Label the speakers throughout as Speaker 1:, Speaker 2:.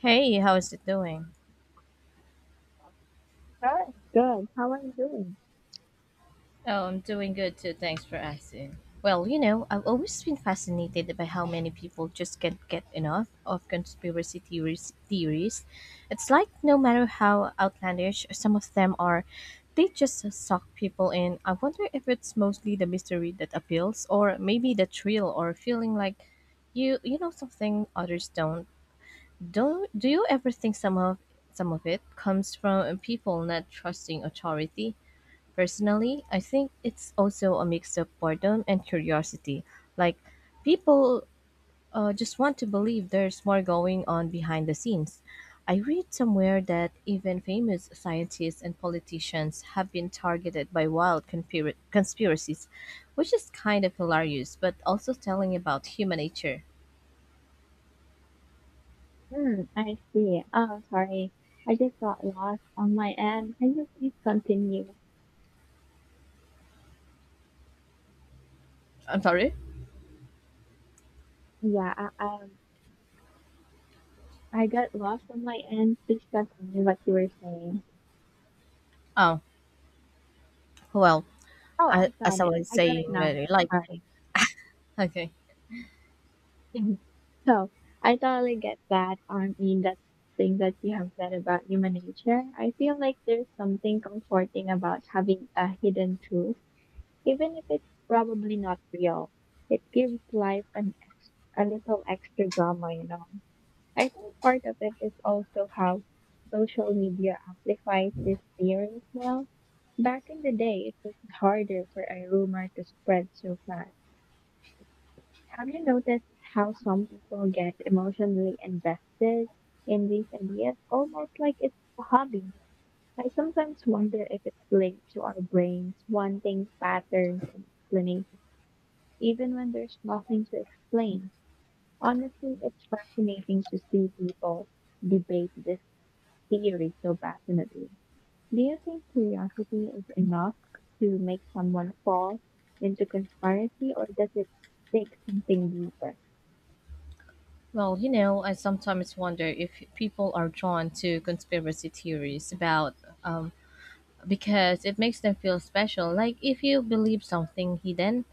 Speaker 1: Hey, how's it doing?
Speaker 2: Good, good. How are you doing?
Speaker 1: Oh, I'm doing good too. Thanks for asking. Well, you know, I've always been fascinated by how many people just can't get enough of conspiracy theories. Theories, it's like no matter how outlandish some of them are, they just suck people in. I wonder if it's mostly the mystery that appeals, or maybe the thrill, or feeling like you know something others don't. Do you ever think some of it comes from people not trusting authority? Personally, I think it's also a mix of boredom and curiosity. Like, people just want to believe there's more going on behind the scenes. I read somewhere that even famous scientists and politicians have been targeted by wild conspiracies, which is kind of hilarious, but also telling about human nature.
Speaker 2: Hmm, I see. Oh, sorry. I just got lost on my end. Can you please continue?
Speaker 1: I'm sorry?
Speaker 2: Yeah, I got lost on my end. Please continue what you were saying.
Speaker 1: Oh, well,
Speaker 2: Oh,
Speaker 1: I,
Speaker 2: I
Speaker 1: as
Speaker 2: got
Speaker 1: I
Speaker 2: it.
Speaker 1: was
Speaker 2: I got
Speaker 1: saying,
Speaker 2: it now. Sorry.
Speaker 1: okay.
Speaker 2: So, I totally get that. I mean, that thing that you have said about human nature. I feel like there's something comforting about having a hidden truth. Even if it's probably not real, it gives life a little extra drama. I think part of it is also how social media amplifies this theory as well. Back in the day, it was harder for a rumor to spread so fast. Have you noticed how some people get emotionally invested in these ideas, almost like it's a hobby? I sometimes wonder if it's linked to our brains wanting patterns and explanations even when there's nothing to explain. Honestly, it's fascinating to see people debate this theory so passionately. Do you think curiosity is enough to make someone fall into conspiracy, or does it take something deeper?
Speaker 1: Well, you know, I sometimes wonder if people are drawn to conspiracy theories about um, because it makes them feel special. Like if you believe something hidden,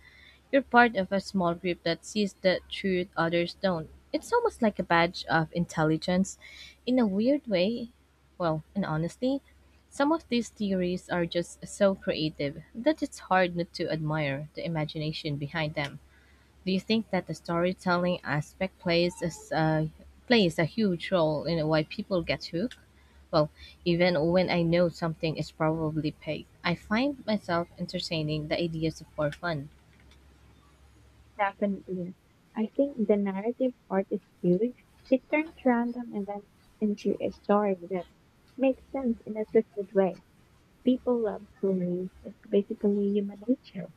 Speaker 1: you're part of a small group that sees the truth others don't. It's almost like a badge of intelligence. In a weird way, well, and honestly, some of these theories are just so creative that it's hard not to admire the imagination behind them. Do you think that the storytelling aspect plays a huge role in why people get hooked? Well, even when I know something is probably fake, I find myself entertaining the ideas for fun.
Speaker 2: Definitely. I think the narrative part is huge. It turns random events into a story that makes sense in a twisted way. People love stories. It's basically human nature.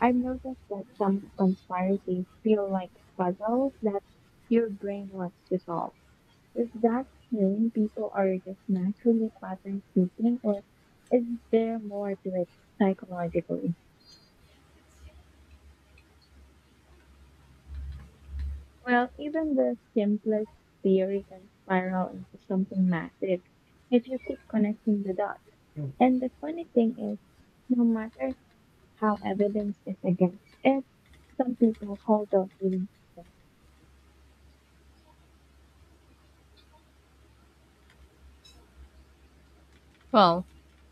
Speaker 2: I've noticed that some conspiracies feel like puzzles that your brain wants to solve. Is that saying people are just naturally pattern seeking, or is there more to it psychologically? Well, even the simplest theory can spiral into something massive if you keep connecting the dots. And the funny thing is, no matter how evidence is against it, some people hold on even.
Speaker 1: Well,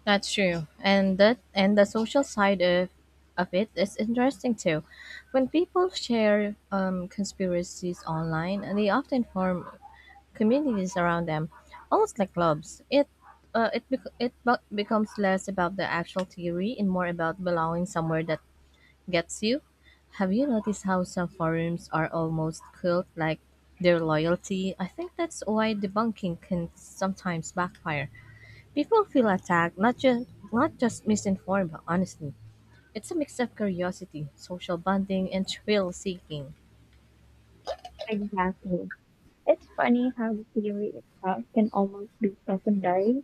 Speaker 1: that's true, and that and the social side of it is interesting too. When people share conspiracies online, they often form communities around them, almost like clubs. It becomes less about the actual theory and more about belonging somewhere that gets you. Have you noticed how some forums are almost cult like their loyalty? I think that's why debunking can sometimes backfire. People feel attacked, not just misinformed, but honestly. It's a mix of curiosity, social bonding, and thrill seeking.
Speaker 2: Exactly. It's funny how the theory itself can almost be secondary.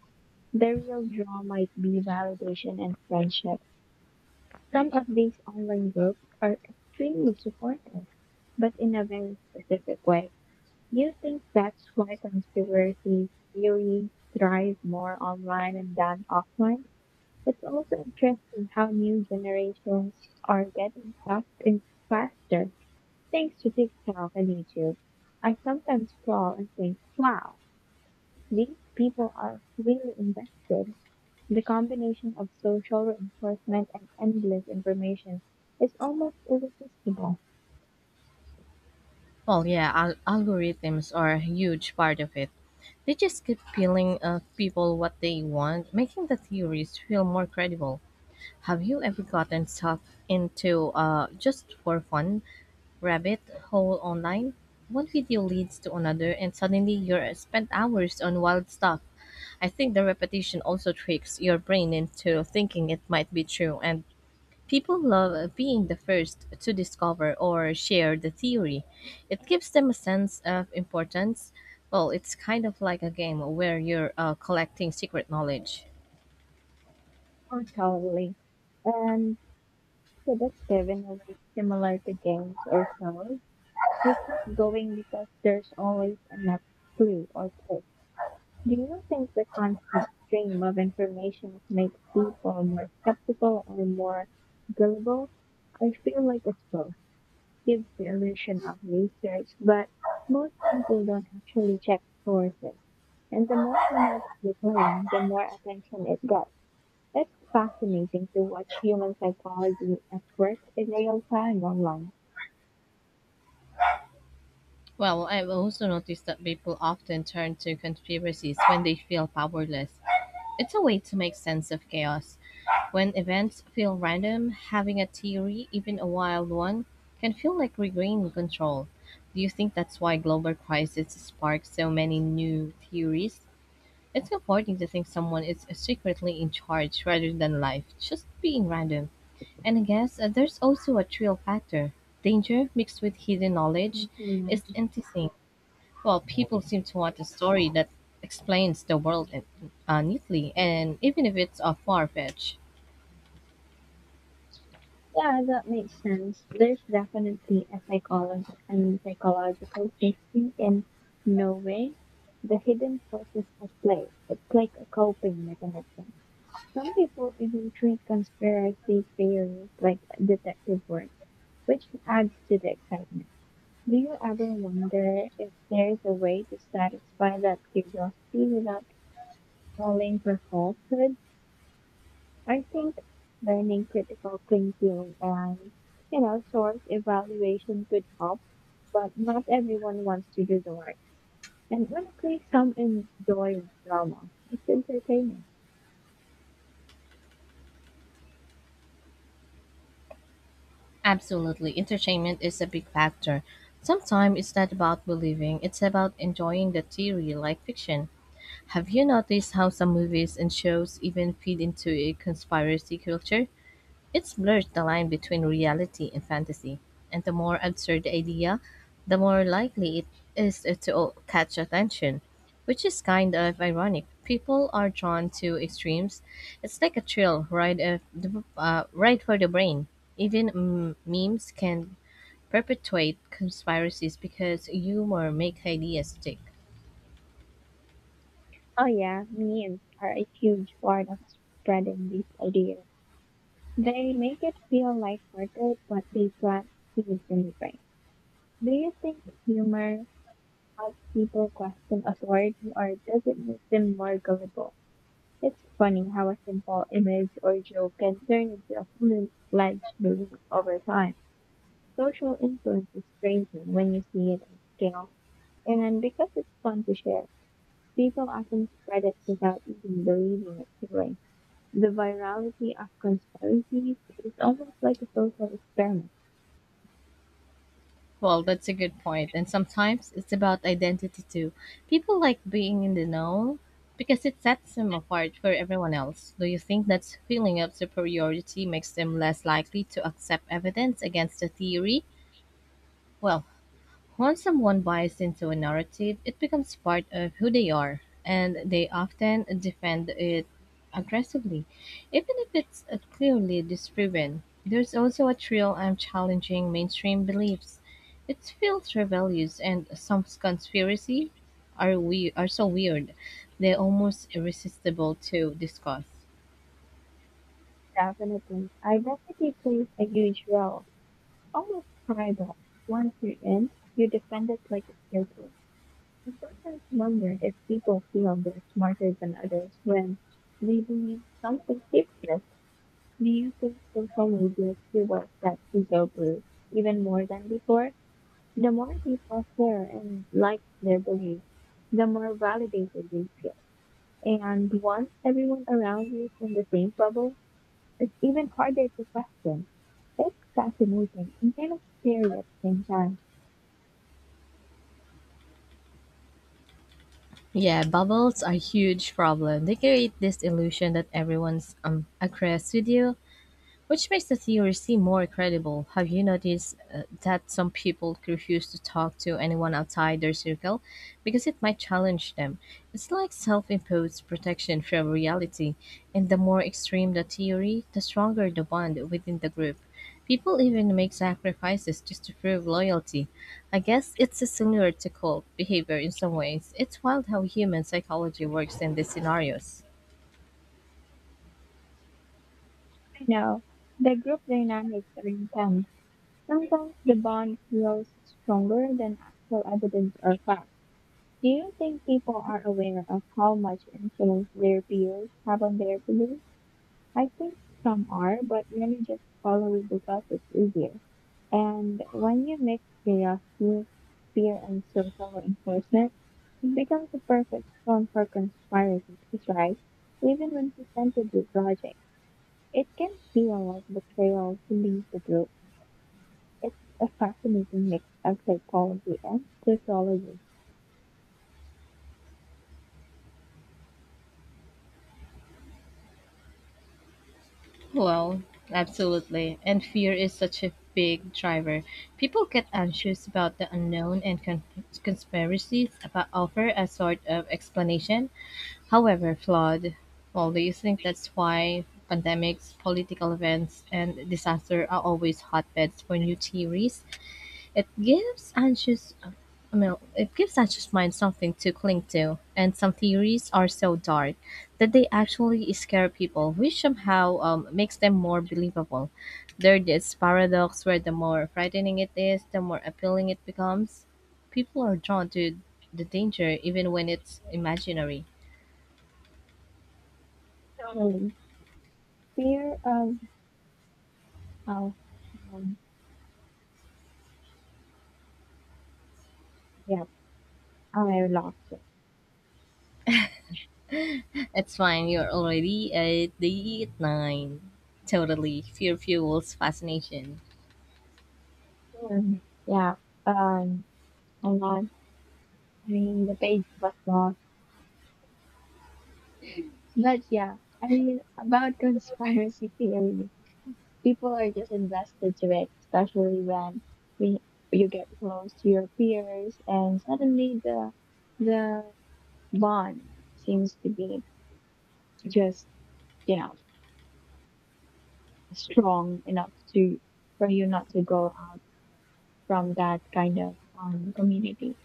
Speaker 2: The real draw might be validation and friendship. Some of these online groups are extremely supportive, but in a very specific way. Do you think that's why conspiracy theories thrive more online and than offline? It's also interesting how new generations are getting sucked in faster thanks to TikTok and YouTube. I sometimes scroll and think, wow, these people are really invested. The combination of social reinforcement and endless information is almost irresistible.
Speaker 1: Well, yeah, algorithms are a huge part of it. They just keep peeling people what they want, making the theories feel more credible. Have you ever gotten stuck into just for fun rabbit hole online? One video leads to another, and suddenly you're spent hours on wild stuff. I think the repetition also tricks your brain into thinking it might be true, and people love being the first to discover or share the theory. It gives them a sense of importance. Well, it's kind of like a game where you're collecting secret knowledge.
Speaker 2: Totally. And seductive in a way similar to games or shows. We keep going because there's always a next clue or click. Do you think the constant stream of information makes people more skeptical or more gullible? I feel like it's both. Gives the illusion of research, but most people don't actually check sources. And the more dramatic the claim, the more attention it gets. It's fascinating to watch human psychology at work in real time online.
Speaker 1: Well, I've also noticed that people often turn to conspiracies when they feel powerless. It's a way to make sense of chaos. When events feel random, having a theory, even a wild one, can feel like regaining control. Do you think that's why global crisis spark so many new theories? It's comforting to think someone is secretly in charge rather than life just being random. And I guess there's also a thrill factor. Danger mixed with hidden knowledge is
Speaker 2: Mhm.
Speaker 1: enticing. Well, people seem to want a story that explains the world neatly, and even if it's far fetched.
Speaker 2: Yeah, that makes sense. There's definitely a psychological and psychological safety in no way. The hidden forces at play. It's like a coping mechanism. Some people even treat conspiracy theories like detective work, which adds to the excitement. Do you ever wonder if there is a way to satisfy that curiosity without falling for falsehood? I think learning critical thinking and, source evaluation could help, but not everyone wants to do the work. And honestly, some enjoy drama. It's entertaining.
Speaker 1: Absolutely, entertainment is a big factor. Sometimes it's not about believing, it's about enjoying the theory like fiction. Have you noticed how some movies and shows even feed into a conspiracy culture? It blurs the line between reality and fantasy, and the more absurd the idea, the more likely it is to catch attention, which is kind of ironic. People are drawn to extremes. It's like a thrill ride, ride for the brain. Even memes can perpetuate conspiracies because humor makes ideas stick.
Speaker 2: Oh yeah, memes are a huge part of spreading these ideas. They make it feel lighthearted, but they plant seeds in the brain. Do you think humor helps people question authority, or does it make them more gullible? It's funny how a simple image or joke can turn into a full-fledged belief over time. Social influence is crazy when you see it at scale, and because it's fun to share. People often spread it without even believing it's healing. The virality of conspiracies is almost like a social experiment.
Speaker 1: Well, that's a good point. And sometimes it's about identity too. People like being in the know because it sets them apart from everyone else. Do you think that feeling of superiority makes them less likely to accept evidence against the theory? Well, once someone buys into a narrative, it becomes part of who they are, and they often defend it aggressively, even if it's clearly disproven. There's also a thrill and challenging mainstream beliefs. Its filter values, and some conspiracy are we are so weird, they're almost irresistible to discuss.
Speaker 2: Definitely. Identity plays a huge role, almost tribal. Once you're in, you defend it like it's your place. I sometimes wonder if people feel they're smarter than others when they believe something fixes. Do you think social media fuels that ego boost even more than before? The more people share and like their beliefs, the more validated they feel. And once everyone around you is in the same bubble, it's even harder to question. It's fascinating and kind of scary at the same time.
Speaker 1: Yeah, bubbles are a huge problem. They create this illusion that everyone's agrees with you, which makes the theory seem more credible. Have you noticed that some people refuse to talk to anyone outside their circle because it might challenge them? It's like self imposed protection from reality, and the more extreme the theory, the stronger the bond within the group. People even make sacrifices just to prove loyalty. I guess it's similar to cult behavior in some ways. It's wild how human psychology works in these scenarios.
Speaker 2: I know the group dynamics are intense. Sometimes the bond feels stronger than actual evidence or facts. Do you think people are aware of how much influence their peers have on their beliefs? I think some are, but many just follow it because it's easier. And when you mix curiosity, fear, and social reinforcement, it becomes a perfect storm for conspiracies, right? Even when presented with logic, it can feel like betrayal to leave the group. It's a fascinating mix of psychology and sociology.
Speaker 1: Well, absolutely. And fear is such a big driver. People get anxious about the unknown and conspiracies about offer a sort of explanation, however flawed. Well, do you think that's why pandemics, political events, and disaster are always hotbeds for new theories? It gives anxious it gives anxious minds something to cling to, and some theories are so dark that they actually scare people, which somehow makes them more believable. There's this paradox where the more frightening it is, the more appealing it becomes. People are drawn to the danger even when it's imaginary.
Speaker 2: Totally. Fear of, oh, um, yeah, I lost it.
Speaker 1: It's fine, you're already at the nine. Totally. Fear fuels fascination.
Speaker 2: Yeah, um, hold on. I mean, the page was lost. But yeah, I mean, about conspiracy theories, people are just invested to it, especially when we, you get close to your peers and suddenly the bond seems to be just, you know, strong enough to for you not to go out from that kind of community.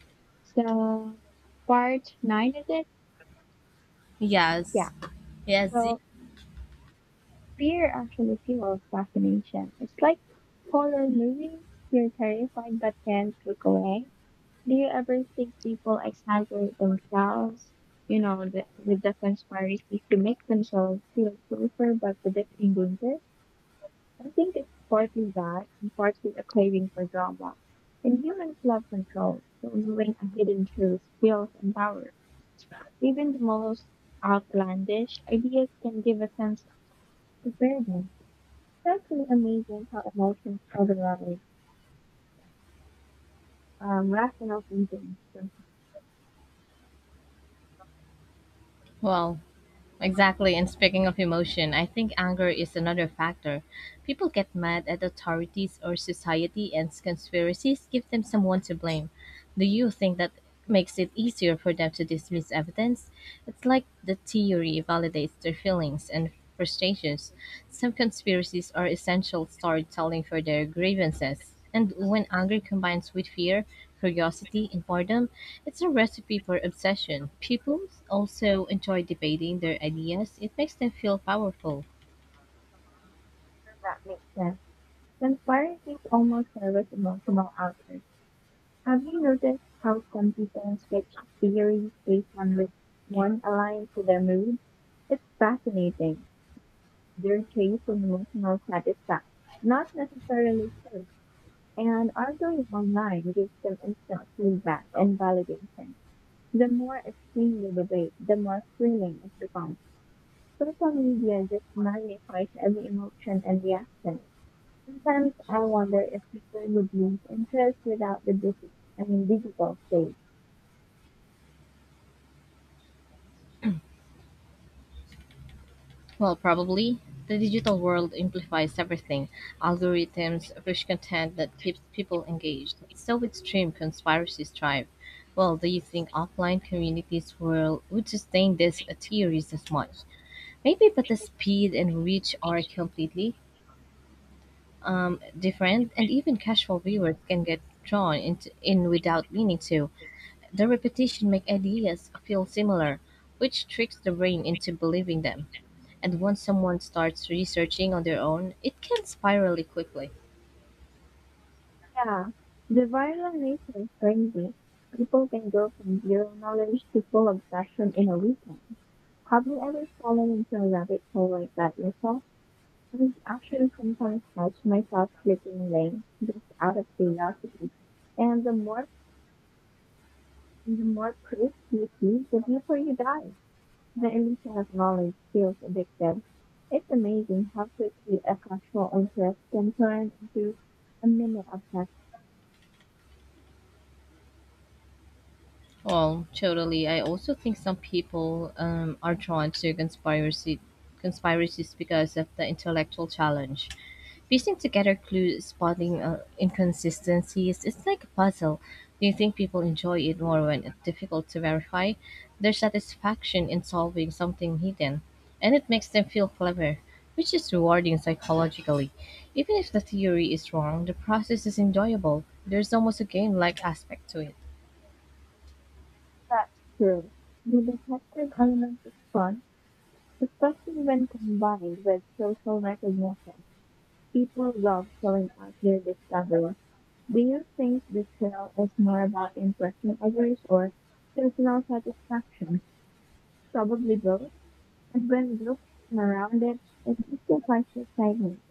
Speaker 2: So part nine is it? Yeah.
Speaker 1: Yes. Yes.
Speaker 2: So fear actually fuels fascination. It's like horror movies. You're terrified but can't look away. Do you ever think people exaggerate themselves, with the conspiracy to make themselves feel safer by predicting danger? I think it's partly that and partly a craving for drama. And humans love control, so knowing a hidden truth feels empowering. Even the most outlandish ideas can give a sense of preparedness. That's really amazing how emotions travel levels. Rational thinking can
Speaker 1: Wow. Exactly. And speaking of emotion, I think anger is another factor. People get mad at authorities or society, and conspiracies give them someone to blame. Do you think that makes it easier for them to dismiss evidence? It's like the theory validates their feelings and frustrations. Some conspiracies are essential storytelling for their grievances. And when anger combines with fear, curiosity, and boredom. It's a recipe for obsession. People also enjoy debating their ideas, it makes them feel powerful.
Speaker 2: confirm that makes sense. Then fire is almost service emotional output. Have you noticed how some people switch theories based on which one aligns to their mood? It's fascinating. Their traits and emotional satisfaction, not necessarily proof. And arguing online gives them instant feedback and validation. The more extreme the debate, the more thrilling it becomes. Social media just magnifies every emotion and reaction. Sometimes I wonder if people would lose interest without the digital, I mean, digital stage.
Speaker 1: Well, probably. The digital world amplifies everything. Algorithms push content that keeps people engaged. So extreme conspiracies thrive. Well, do you think offline communities will would sustain these theories as much? Maybe, but the speed and reach are completely different, and even casual viewers can get drawn into, in without meaning to. The repetition makes ideas feel similar, which tricks the brain into believing them. And once someone starts researching on their own, it can spiral quickly.
Speaker 2: Yeah, the viral nature is crazy. People can go from zero knowledge to full obsession in a weekend. Have you ever fallen into a rabbit hole like that yourself? I actually sometimes catch myself flipping lanes just out of curiosity. And the more proof you see, the deeper you dive. The illusion of knowledge feels addictive. It's amazing how quickly a casual interest can turn into a mini obsession.
Speaker 1: Well, totally. I also think some people are drawn to conspiracy conspiracies because of the intellectual challenge. Piecing together clues, spotting inconsistencies, it's like a puzzle. Do you think people enjoy it more when it's difficult to verify? Their satisfaction in solving something hidden, and it makes them feel clever, which is rewarding psychologically. Even if the theory is wrong, the process is enjoyable. There's almost a game-like aspect to it.
Speaker 2: That's true. The detective element is fun, especially when combined with social recognition. People love showing off their discoveries. Do you think the trail is more about impressing others or personal satisfaction? Probably both. And when groups around it, it simplifies the excitement.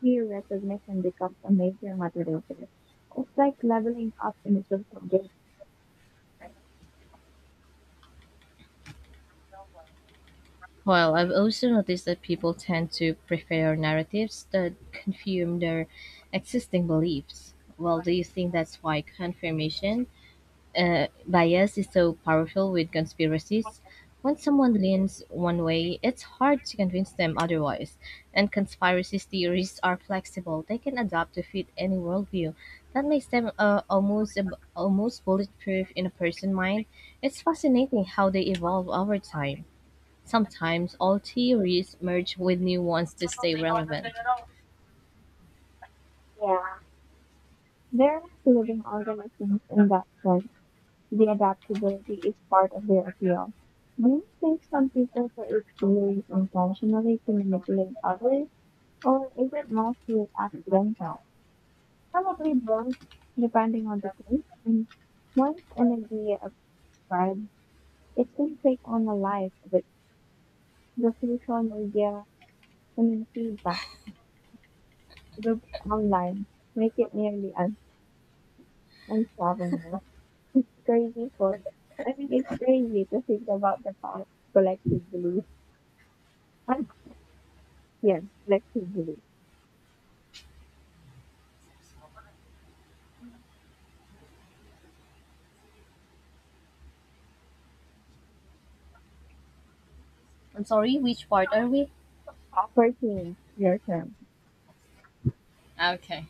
Speaker 2: Peer recognition becomes a major motivator. It's like leveling up in a social this.
Speaker 1: Well, I've also noticed that people tend to prefer narratives that confirm their existing beliefs. Well, do you think that's why confirmation bias is so powerful with conspiracies? When someone leans one way, it's hard to convince them otherwise. And conspiracy theories are flexible; they can adapt to fit any worldview. That makes them almost bulletproof in a person's mind. It's fascinating how they evolve over time. Sometimes old theories merge with new ones to stay relevant.
Speaker 2: They're like living organisms in that sense. The adaptability is part of their appeal. Do you think some people create theories intentionally to manipulate others, or is it mostly accidental? Probably both, depending on the case. And once an idea spreads, it can take on a life of its the social media and feedback. Groups online make it nearly unsolvable. It's crazy for, I mean, it's crazy to think about the power to collectively. And yeah, collectively.
Speaker 1: I'm sorry, which part are we?
Speaker 2: Opportunity, your term.
Speaker 1: Okay.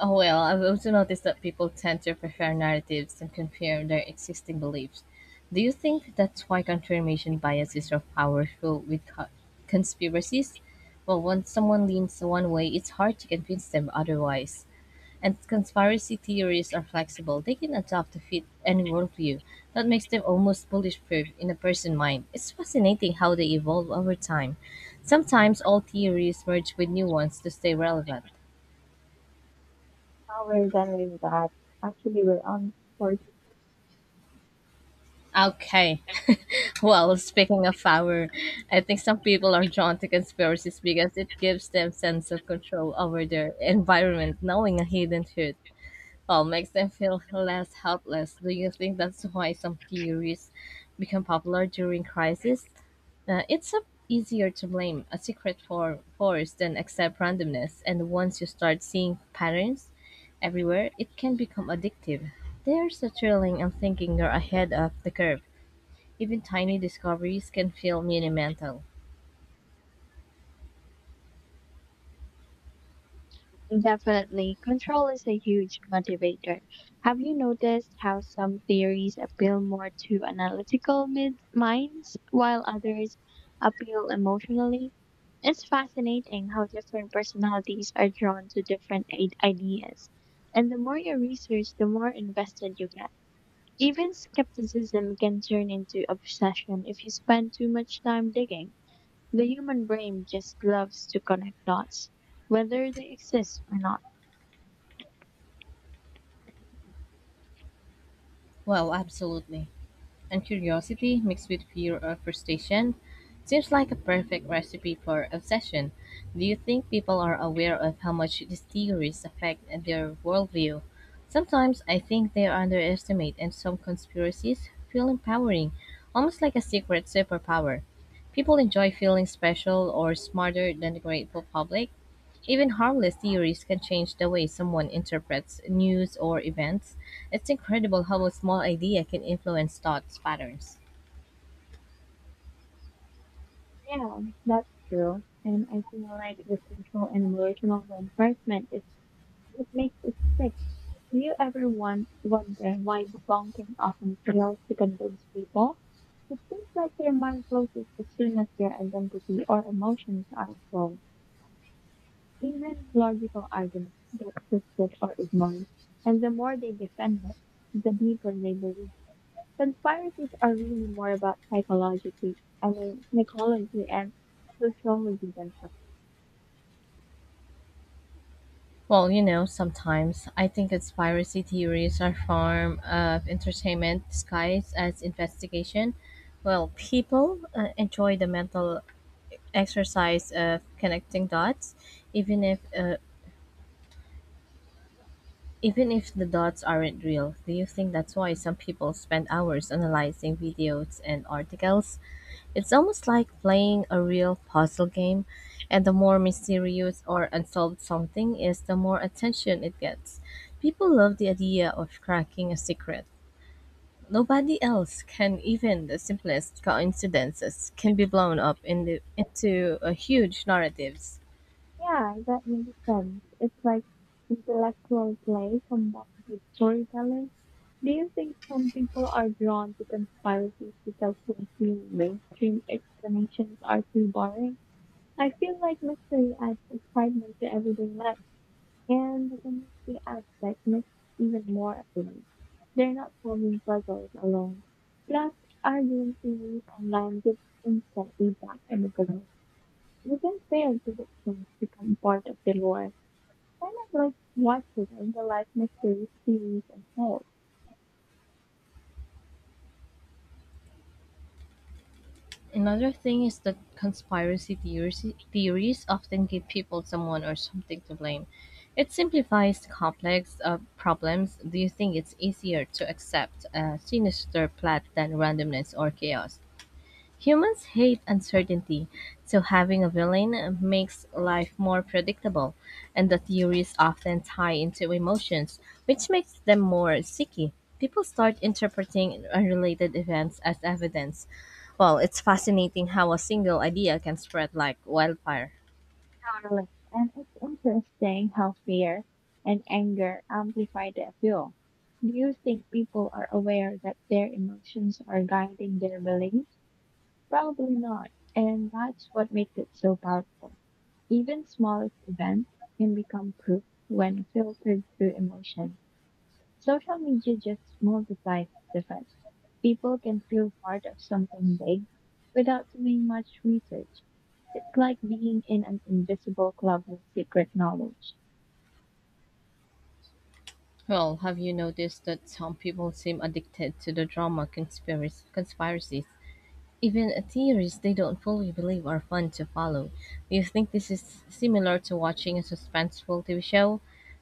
Speaker 1: Oh well, I've also noticed that people tend to prefer narratives and compare their existing beliefs. Do you think that's why confirmation bias is so powerful with conspiracies? Well, once someone leans one way, it's hard to convince them otherwise. And conspiracy theories are flexible. They can adapt to fit any worldview. That makes them almost bulletproof in a person's mind. It's fascinating how they evolve over time. Sometimes old theories merge with new ones to stay relevant.
Speaker 2: Now we're done with that. Actually, we're on for.
Speaker 1: Okay, well, speaking of power, I think some people are drawn to conspiracies because it gives them sense of control over their environment, knowing a hidden truth. Well, makes them feel less helpless. Do you think that's why some theories become popular during crisis? It's a, easier to blame a secret for force than accept randomness, and once you start seeing patterns everywhere, it can become addictive. There's a thrilling and thinking you're ahead of the curve. Even tiny discoveries can feel monumental.
Speaker 2: Definitely. Control is a huge motivator. Have you noticed how some theories appeal more to analytical minds while others appeal emotionally? It's fascinating how different personalities are drawn to different ideas. And the more you research, the more invested you get. Even skepticism can turn into obsession if you spend too much time digging. The human brain just loves to connect dots, whether they exist or not.
Speaker 1: Well, absolutely. And curiosity mixed with fear or frustration seems like a perfect recipe for obsession. Do you think people are aware of how much these theories affect their worldview? Sometimes I think they are underestimated, and some conspiracies feel empowering, almost like a secret superpower. People enjoy feeling special or smarter than the grateful public, even harmless theories can change the way someone interprets news or events. It's incredible how a small idea can influence thought patterns.
Speaker 2: Yeah, that's true. And I feel like the social and emotional reinforcement is what makes it stick. Do you ever wonder why debunking often fails to convince people? It seems like their mind closes as soon as their identity or emotions are involved. Even logical arguments get twisted or ignored, and the more they defend it, the deeper they believe. Conspiracies are really more about psychologically, I mean, psychology and social reasons.
Speaker 1: Well, you know, sometimes I think conspiracy theories are a form of entertainment disguised as investigation. Well, people enjoy the mental exercise of connecting dots, even if uh, even if the dots aren't real. Do you think that's why some people spend hours analyzing videos and articles? It's almost like playing a real puzzle game, and the more mysterious or unsolved something is, the more attention it gets. People love the idea of cracking a secret. Nobody else can, even the simplest coincidences can be blown up in the, into a huge narratives.
Speaker 2: Yeah, that makes sense. It's like intellectual play combined with storytelling. Do you think some people are drawn to conspiracies because they feel mainstream explanations are too boring? I feel like mystery adds excitement to everyday life, and the community aspect makes it even more appealing. They're not solving puzzles alone. Plus, arguing theories online gives instant feedback and the community. Even failed predictions become part of the lore. Kind of like watching the life mystery series unfold.
Speaker 1: Another thing is that theories often give people someone or something to blame. It simplifies complex problems. Do you think it's easier to accept a sinister plot than randomness or chaos? Humans hate uncertainty, so having a villain makes life more predictable, and the theories often tie into emotions, which makes them more sticky. People start interpreting unrelated events as evidence. Well, it's fascinating how a single idea can spread like wildfire.
Speaker 2: Like, and it's interesting how fear and anger amplify the appeal. Do you think people are aware that their emotions are guiding their beliefs? Probably not. And that's what makes it so powerful. Even smallest events can become proof when filtered through emotion. Social media just multiplies the fun. People can feel part of something big without doing much research. It's like being in an invisible club with secret knowledge.
Speaker 1: Well, have you noticed that some people seem addicted to the drama conspiracy conspiracies? Even theories they don't fully believe are fun to follow. Do you think this is similar to watching a suspenseful TV show?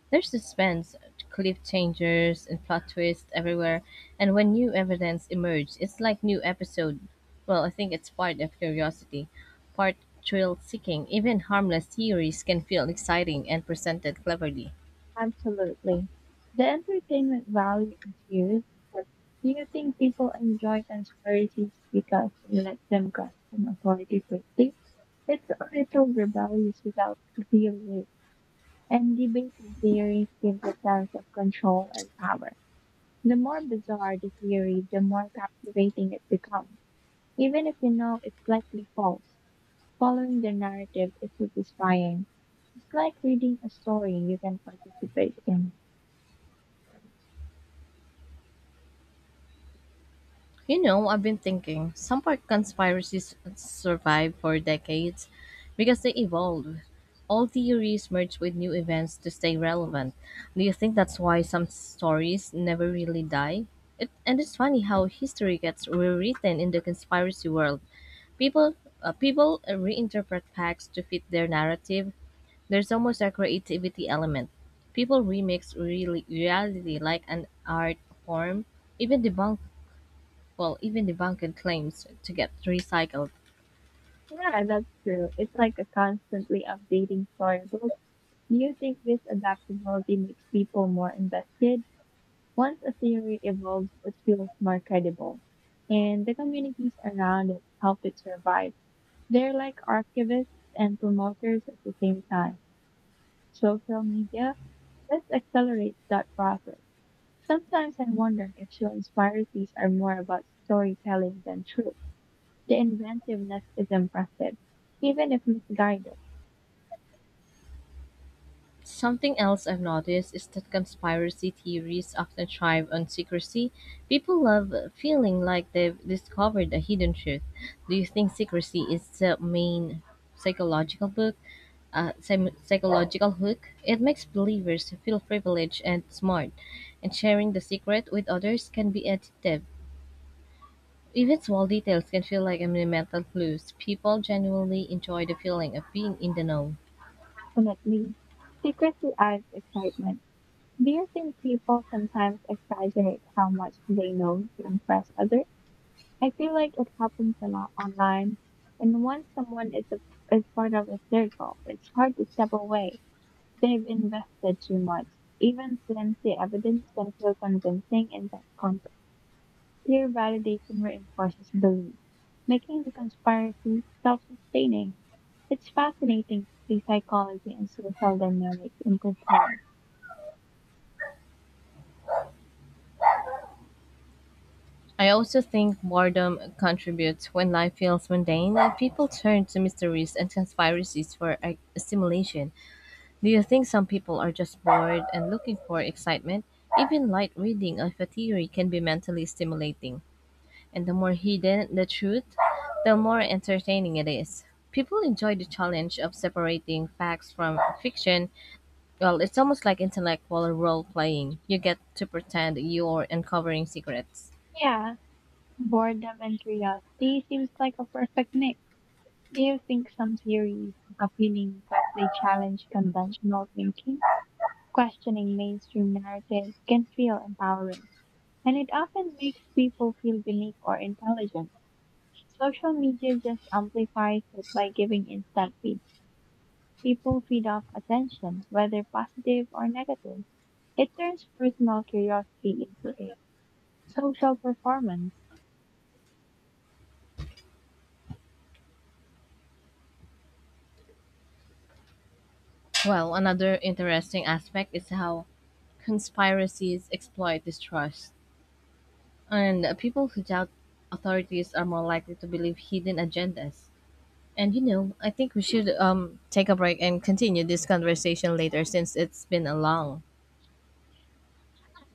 Speaker 1: There's suspense, cliffhangers, and plot twists everywhere, and when new evidence emerges, it's like new episode. Well, I think it's part of curiosity, part thrill seeking. Even harmless theories can feel exciting and presented cleverly.
Speaker 2: Absolutely. The entertainment value is huge, but do you think people enjoy conspiracies because they let them grasp an authority quickly? It's a little rebellious without feeling it, and debating theories gives a sense of control and power. The more bizarre the theory, the more captivating it becomes. Even if you know it's likely false, following the narrative is satisfying. It's like reading a story you can participate in.
Speaker 1: You know, I've been thinking some part conspiracies survive for decades because they evolve. All theories merge with new events to stay relevant. Do you think that's why some stories never really die? It, and it's funny how history gets rewritten in the conspiracy world. People, people reinterpret facts to fit their narrative. There's almost a creativity element. People remix really reality like an art form. Even debunk Even debunked claims to get recycled.
Speaker 2: Yeah, that's true. It's like a constantly updating storybook. Do you think this adaptability makes people more invested? Once a theory evolves, it feels more credible. And the communities around it help it survive. They're like archivists and promoters at the same time. Social media, let's accelerate that process. Sometimes I wonder if show inspiracies are more about storytelling than truth. The inventiveness is impressive, even if misguided.
Speaker 1: Something else I've noticed is that conspiracy theories often thrive on secrecy. People love feeling like they've discovered a hidden truth. Do you think secrecy is the main psychological book, psychological hook? It makes believers feel privileged and smart, and sharing the secret with others can be addictive. Even small details can feel like monumental clues. People genuinely enjoy the feeling of being in the know.
Speaker 2: Definitely, secrecy adds excitement. Do you think people sometimes exaggerate how much they know to impress others? I feel like it happens a lot online, and once someone is part of a circle, it's hard to step away. They've invested too much. Even flimsy evidence can feel convincing in that context. Peer validation reinforces belief, making the conspiracy self-sustaining. It's fascinating to see psychology and social dynamics intertwined.
Speaker 1: I also think boredom contributes when life feels mundane and people turn to mysteries and conspiracies for stimulation. Do you think some people are just bored and looking for excitement? Even light reading of a theory can be mentally stimulating, and the more hidden the truth, the more entertaining it is. People enjoy the challenge of separating facts from fiction. Well, it's almost like intellectual role playing. You get to pretend you're uncovering secrets.
Speaker 2: Yeah, boredom and curiosity seems like a perfect mix. Do you think some theories are appealing because they challenge conventional thinking? Questioning mainstream narratives can feel empowering, and it often makes people feel unique or intelligent. Social media just amplifies it by giving instant feedback. People feed off attention, whether positive or negative. It turns personal curiosity into a social performance.
Speaker 1: Well, another interesting aspect is how conspiracies exploit distrust. And people who doubt authorities are more likely to believe hidden agendas. And you know, I think we should take a break and continue this conversation later since it's been a long.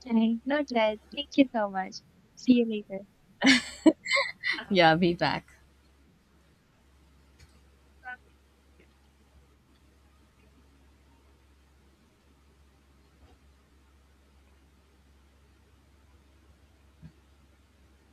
Speaker 2: Okay, noted. Thank you so much. See you later.
Speaker 1: Yeah, be back.